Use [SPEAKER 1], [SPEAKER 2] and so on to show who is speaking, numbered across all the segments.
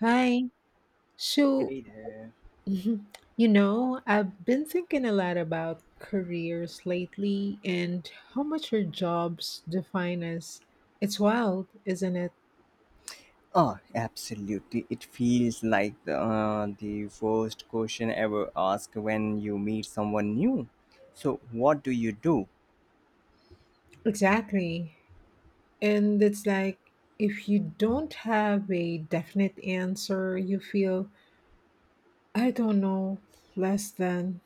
[SPEAKER 1] Hi. So,
[SPEAKER 2] Hey there.
[SPEAKER 1] you know, I've been thinking a lot about careers lately and how much our jobs define us. It's wild, isn't it?
[SPEAKER 2] Oh, absolutely. It feels like the first question ever asked when you meet someone new. So, what do you do?
[SPEAKER 1] Exactly. And it's like if you don't have a definite answer, you feel, I don't know, less than.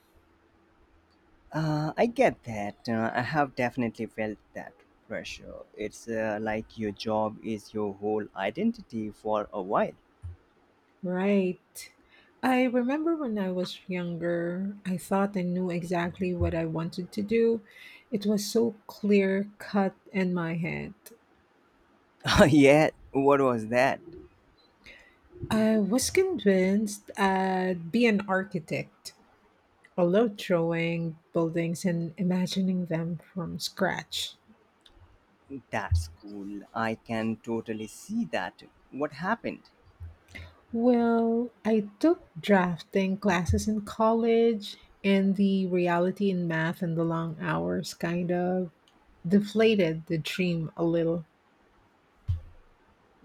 [SPEAKER 2] I get that. I have definitely felt that pressure. It's like your job is your whole identity for a while.
[SPEAKER 1] Right. I remember when I was younger, I thought I knew exactly what I wanted to do. It was so clear cut in my head.
[SPEAKER 2] yeah, what was that?
[SPEAKER 1] I was convinced I'd be an architect. I loved drawing buildings and imagining them from scratch.
[SPEAKER 2] That's cool. I can totally see that. What happened?
[SPEAKER 1] Well, I took drafting classes in college, and the reality in math and the long hours kind of deflated the dream a little.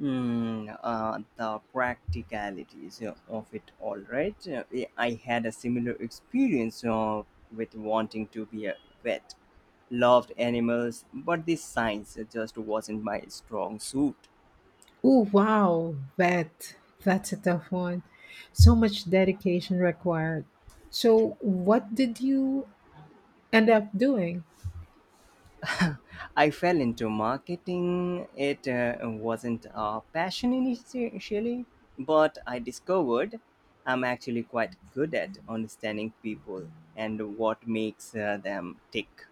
[SPEAKER 2] Mm, the practicalities of it all, right. I had a similar experience with wanting to be a vet. Loved animals, but the science just wasn't my strong suit.
[SPEAKER 1] Oh wow, that's a tough one. So much dedication required. So what did you end up doing?
[SPEAKER 2] I fell into marketing. It wasn't a passion initially, but I discovered I'm actually quite good at understanding people and what makes them tick.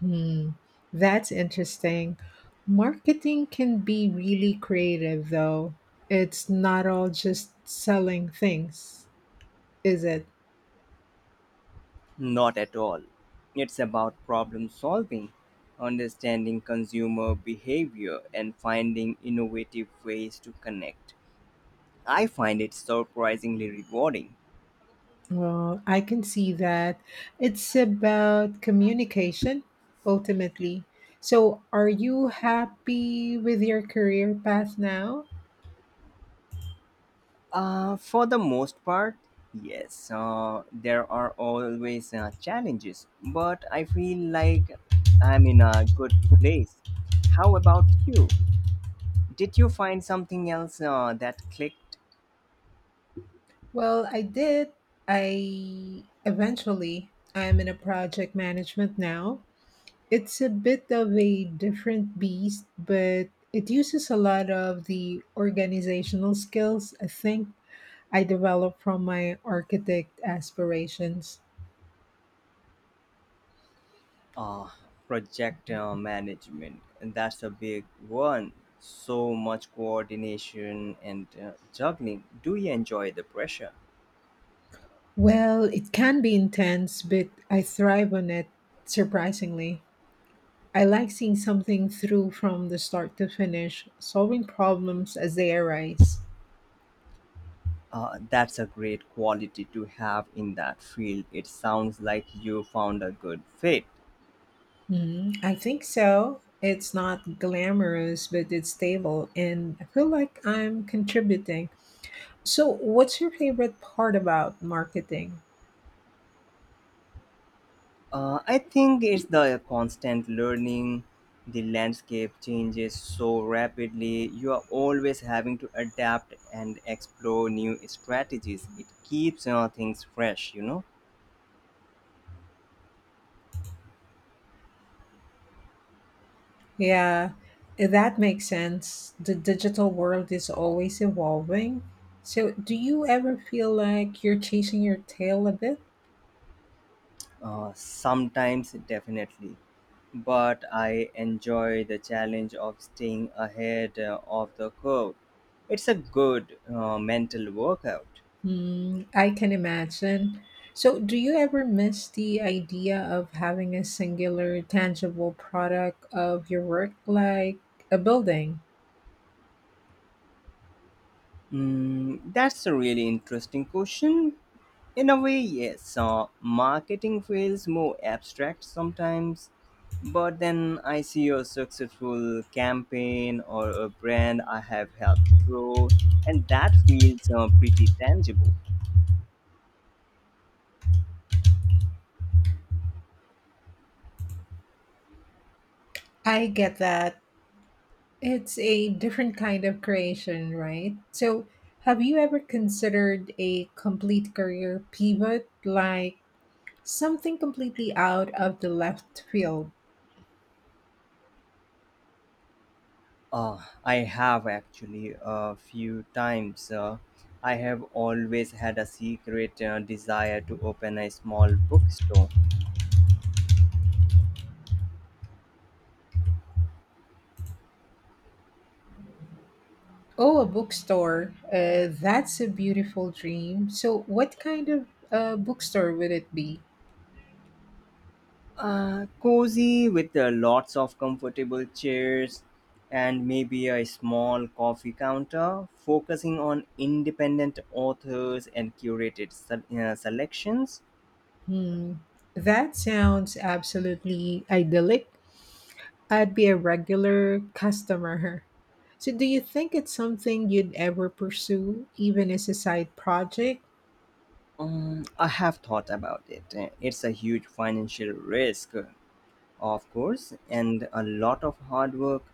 [SPEAKER 1] Hmm, that's interesting. Marketing can be really creative though. It's not all just selling things, is it?
[SPEAKER 2] Not at all. It's about problem solving, understanding consumer behavior, and finding innovative ways to connect. I find it surprisingly rewarding.
[SPEAKER 1] Well, I can see that. It's about communication ultimately. So, are you happy with your career path now?
[SPEAKER 2] For the most part, yes, there are always challenges, but I feel like I'm in a good place. How about you? Did you find something else that clicked?
[SPEAKER 1] Well, I did. I eventually, I'm in a project management now. It's a bit of a different beast, but it uses a lot of the organizational skills I think I developed from my architect aspirations.
[SPEAKER 2] uh, Project management, and that's a big one. So much coordination and juggling. Do you enjoy the pressure?
[SPEAKER 1] Well, it can be intense, but I thrive on it surprisingly. I like seeing something through from the start to finish, solving problems as they arise.
[SPEAKER 2] That's a great quality to have in that field. It sounds like you found a good fit.
[SPEAKER 1] Mhm. I think so. It's not glamorous, but it's stable, and I feel like I'm contributing. So, what's your favorite part about marketing?
[SPEAKER 2] I think it's the constant learning. The landscape changes so rapidly, you are always having to adapt and explore new strategies. It keeps things fresh.
[SPEAKER 1] Yeah, that makes sense. The digital world is always evolving. So, do you ever feel like you're chasing your tail a bit?
[SPEAKER 2] Sometimes, definitely. But I enjoy the challenge of staying ahead of the curve. It's a good mental workout.
[SPEAKER 1] Mm, I can imagine. So, do you ever miss the idea of having a singular, tangible product of your work, like a building?
[SPEAKER 2] Mm, that's a really interesting question. In a way, yes. Marketing feels more abstract sometimes, but then I see a successful campaign or a brand I have helped grow, and that feels pretty tangible.
[SPEAKER 1] I get that. It's a different kind of creation, right? So, have you ever considered a complete career pivot, like something completely out of the left field?
[SPEAKER 2] Uh, I have actually, a few times. I have always had a secret desire to open a small bookstore.
[SPEAKER 1] Oh, a bookstore. That's a beautiful dream. So, what kind of bookstore would it be?
[SPEAKER 2] Cozy, with lots of comfortable chairs and maybe a small coffee counter, focusing on independent authors and curated selections.
[SPEAKER 1] Hmm, that sounds absolutely idyllic. I'd be a regular customer. So, do you think it's something you'd ever pursue, even as a side project?
[SPEAKER 2] I have thought about it. It's a huge financial risk, of course, and a lot of hard work.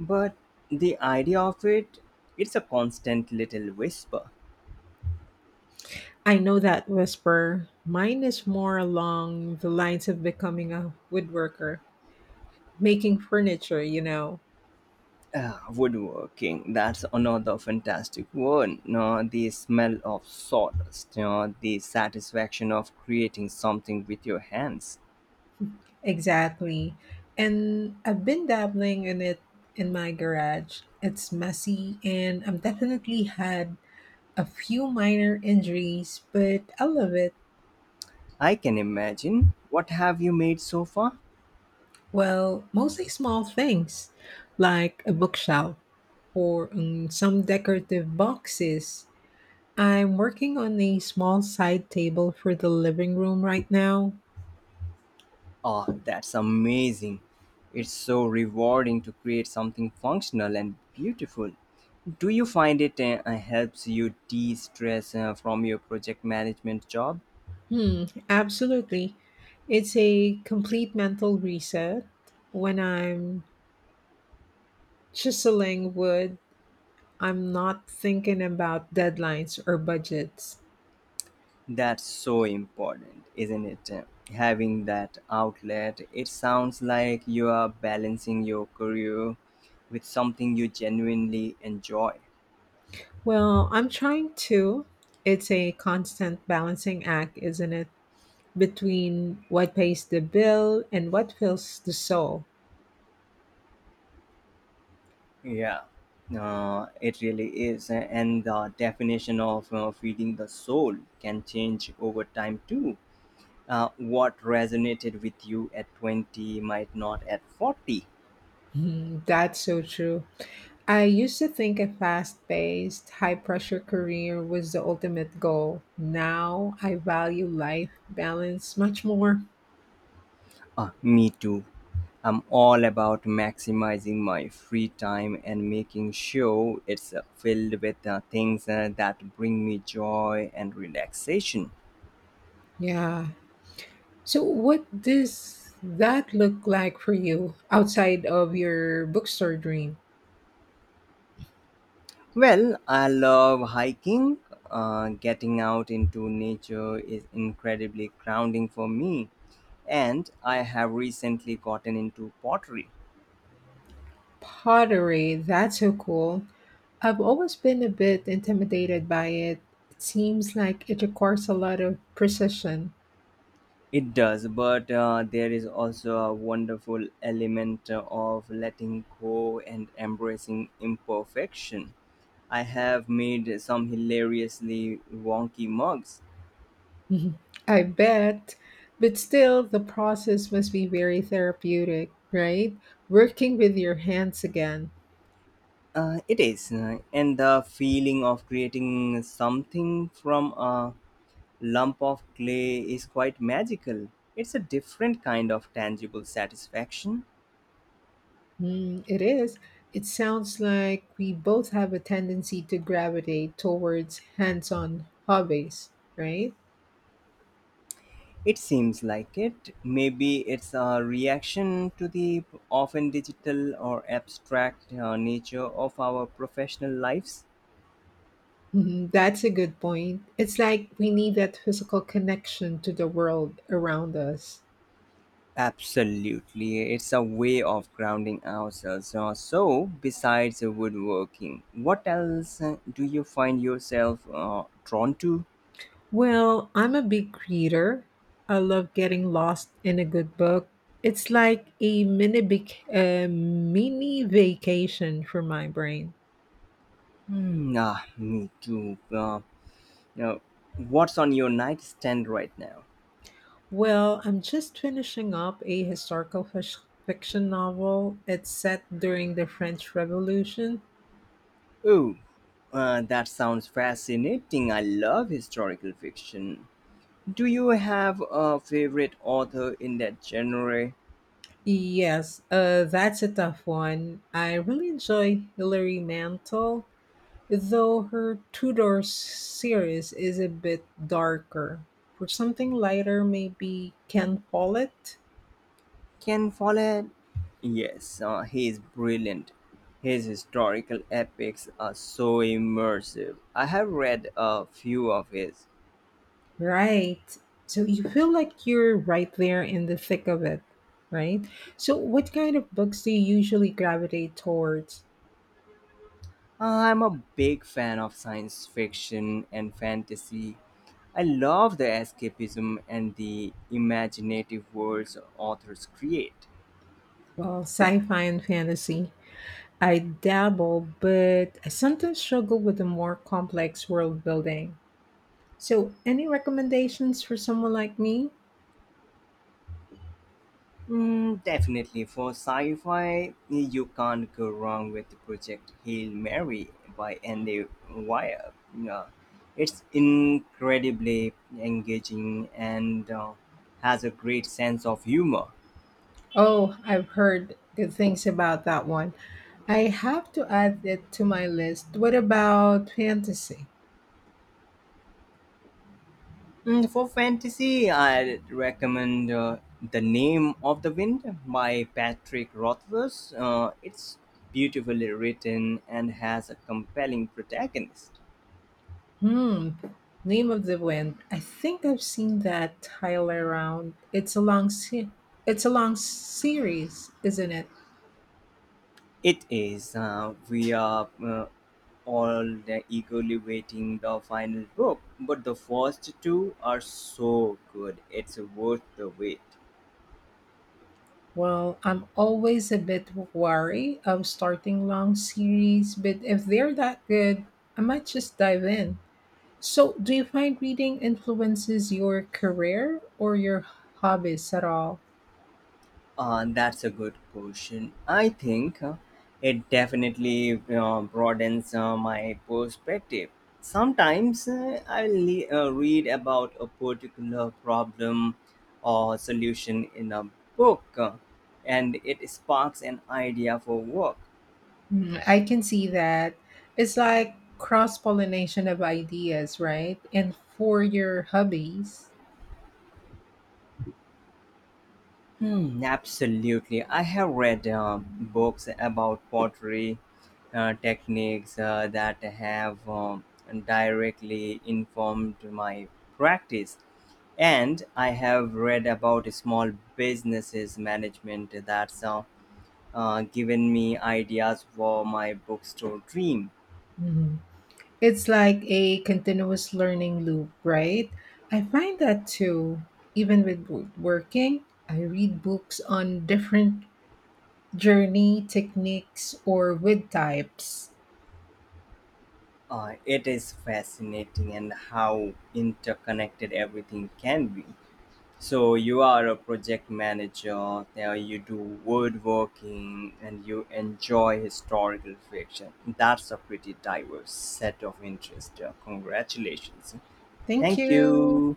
[SPEAKER 2] But the idea of it, it's a constant little whisper.
[SPEAKER 1] I know that whisper. Mine is more along the lines of becoming a woodworker, making furniture, you know.
[SPEAKER 2] Ah, woodworking, that's another fantastic one. No, the smell of sawdust, you know, the satisfaction of creating something with your hands.
[SPEAKER 1] Exactly. And I've been dabbling in it in my garage. It's messy, and I've definitely had a few minor injuries, but I love it.
[SPEAKER 2] I can imagine. What have you made so far?
[SPEAKER 1] Well, mostly small things like a bookshelf or some decorative boxes. I'm working on a small side table for the living room right now.
[SPEAKER 2] Oh, that's amazing. It's so rewarding to create something functional and beautiful. Do you find it helps you de stress from your project management job?
[SPEAKER 1] Hmm, absolutely. It's a complete mental reset. When I'm chiseling wood, I'm not thinking about deadlines or budgets.
[SPEAKER 2] That's so important, isn't it? Having that outlet. It sounds like you are balancing your career with something you genuinely enjoy.
[SPEAKER 1] Well, I'm trying to. It's a constant balancing act, isn't it? Between what pays the bill and what fills the soul.
[SPEAKER 2] Yeah, it really is. And the definition of feeding the soul can change over time too. What resonated with you at 20 might not at 40.
[SPEAKER 1] Mhm. That's so true. I used to think a fast paced, high pressure career was the ultimate goal. Now I value life balance much more.
[SPEAKER 2] Me too. I'm all about maximizing my free time and making sure it's filled with things that bring me joy and relaxation.
[SPEAKER 1] Yeah. So, what does that look like for you outside of your bookstore dream?
[SPEAKER 2] Well, I love hiking. Getting out into nature is incredibly grounding for me, and I have recently gotten into pottery.
[SPEAKER 1] Pottery, that's so cool. I've always been a bit intimidated by it. It seems like it requires a lot of precision.
[SPEAKER 2] It does, but there is also a wonderful element of letting go and embracing imperfection. I have made some hilariously wonky mugs.
[SPEAKER 1] Mhm. I bet. But still, the process must be very therapeutic, right? Working with your hands again.
[SPEAKER 2] It is, and the feeling of creating something from a lump of clay is quite magical. It's a different kind of tangible satisfaction.
[SPEAKER 1] Mm, it is. It sounds like we both have a tendency to gravitate towards hands on hobbies, right?
[SPEAKER 2] It seems like it. Maybe it's a reaction to the often digital or abstract nature of our professional lives.
[SPEAKER 1] Mhm. That's a good point. It's like we need that physical connection to the world around us.
[SPEAKER 2] Absolutely, it's a way of grounding ourselves. So, besides woodworking, what else do you find yourself drawn to?
[SPEAKER 1] Well, I'm a big reader. I love getting lost in a good book. It's like a a mini vacation for my brain.
[SPEAKER 2] Hmm, ah, me too. Uh, you know, what's on your nightstand right now?
[SPEAKER 1] Well, I'm just finishing up a historical fiction novel. It's set during the French Revolution.
[SPEAKER 2] Oh, that sounds fascinating. I love historical fiction. Do you have a favorite author in that genre?
[SPEAKER 1] Yes, that's a tough one. I really enjoy Hilary Mantel. Though her Tudor series is a bit darker. For something lighter, maybe Ken Follett?
[SPEAKER 2] Ken Follett, yes, he is brilliant. His historical epics are so immersive. I have read a few of his.
[SPEAKER 1] Right. So you feel like you're right there in the thick of it, right? So what kind of books do you usually gravitate towards?
[SPEAKER 2] I'm a big fan of science fiction and fantasy. I love the escapism and the imaginative worlds authors create.
[SPEAKER 1] Well, sci-fi and fantasy. I dabble, but I sometimes struggle with the more complex world building. So any recommendations for someone like me?
[SPEAKER 2] Mm, definitely. For sci fi, you can't go wrong with Project Hail Mary by Andy Weir. Yeah. It's incredibly engaging and has a great sense of humor.
[SPEAKER 1] Oh, I've heard good things about that one. I have to add it to my list. What about fantasy?
[SPEAKER 2] Mm, for fantasy, I'd recommend The Name of the Wind by Patrick Rothfuss. It's beautifully written and has a compelling protagonist.
[SPEAKER 1] Hmm. Name of the Wind. I think I've seen that title around. It's a long series, isn't it?
[SPEAKER 2] It is. We are all eagerly waiting the final book, but the first two are so good. It's worth the wait.
[SPEAKER 1] Well, I'm always a bit wary of starting long series, but if they're that good, I might just dive in. So, do you find reading influences your career or your hobbies at all?
[SPEAKER 2] That's a good question. I think it definitely broadens my perspective. Sometimes read about a particular problem or solution in a book, and it sparks an idea for work.
[SPEAKER 1] Mm, I can see that. It's like cross pollination of ideas, right? And for your hobbies,
[SPEAKER 2] Hmm, absolutely. I have read books about pottery techniques that have directly informed my practice. And I have read about small businesses management that's given me ideas for my bookstore dream.
[SPEAKER 1] mhm, it's like a continuous learning loop, right? I find that too, even with working, I read books on different journey techniques or wood types.
[SPEAKER 2] It is fascinating, and how interconnected everything can be. So you are a project manager. Now you do woodworking, and you enjoy historical fiction. That's a pretty diverse set of interests. Congratulations!
[SPEAKER 1] Thank
[SPEAKER 2] Thank
[SPEAKER 1] you.
[SPEAKER 2] you.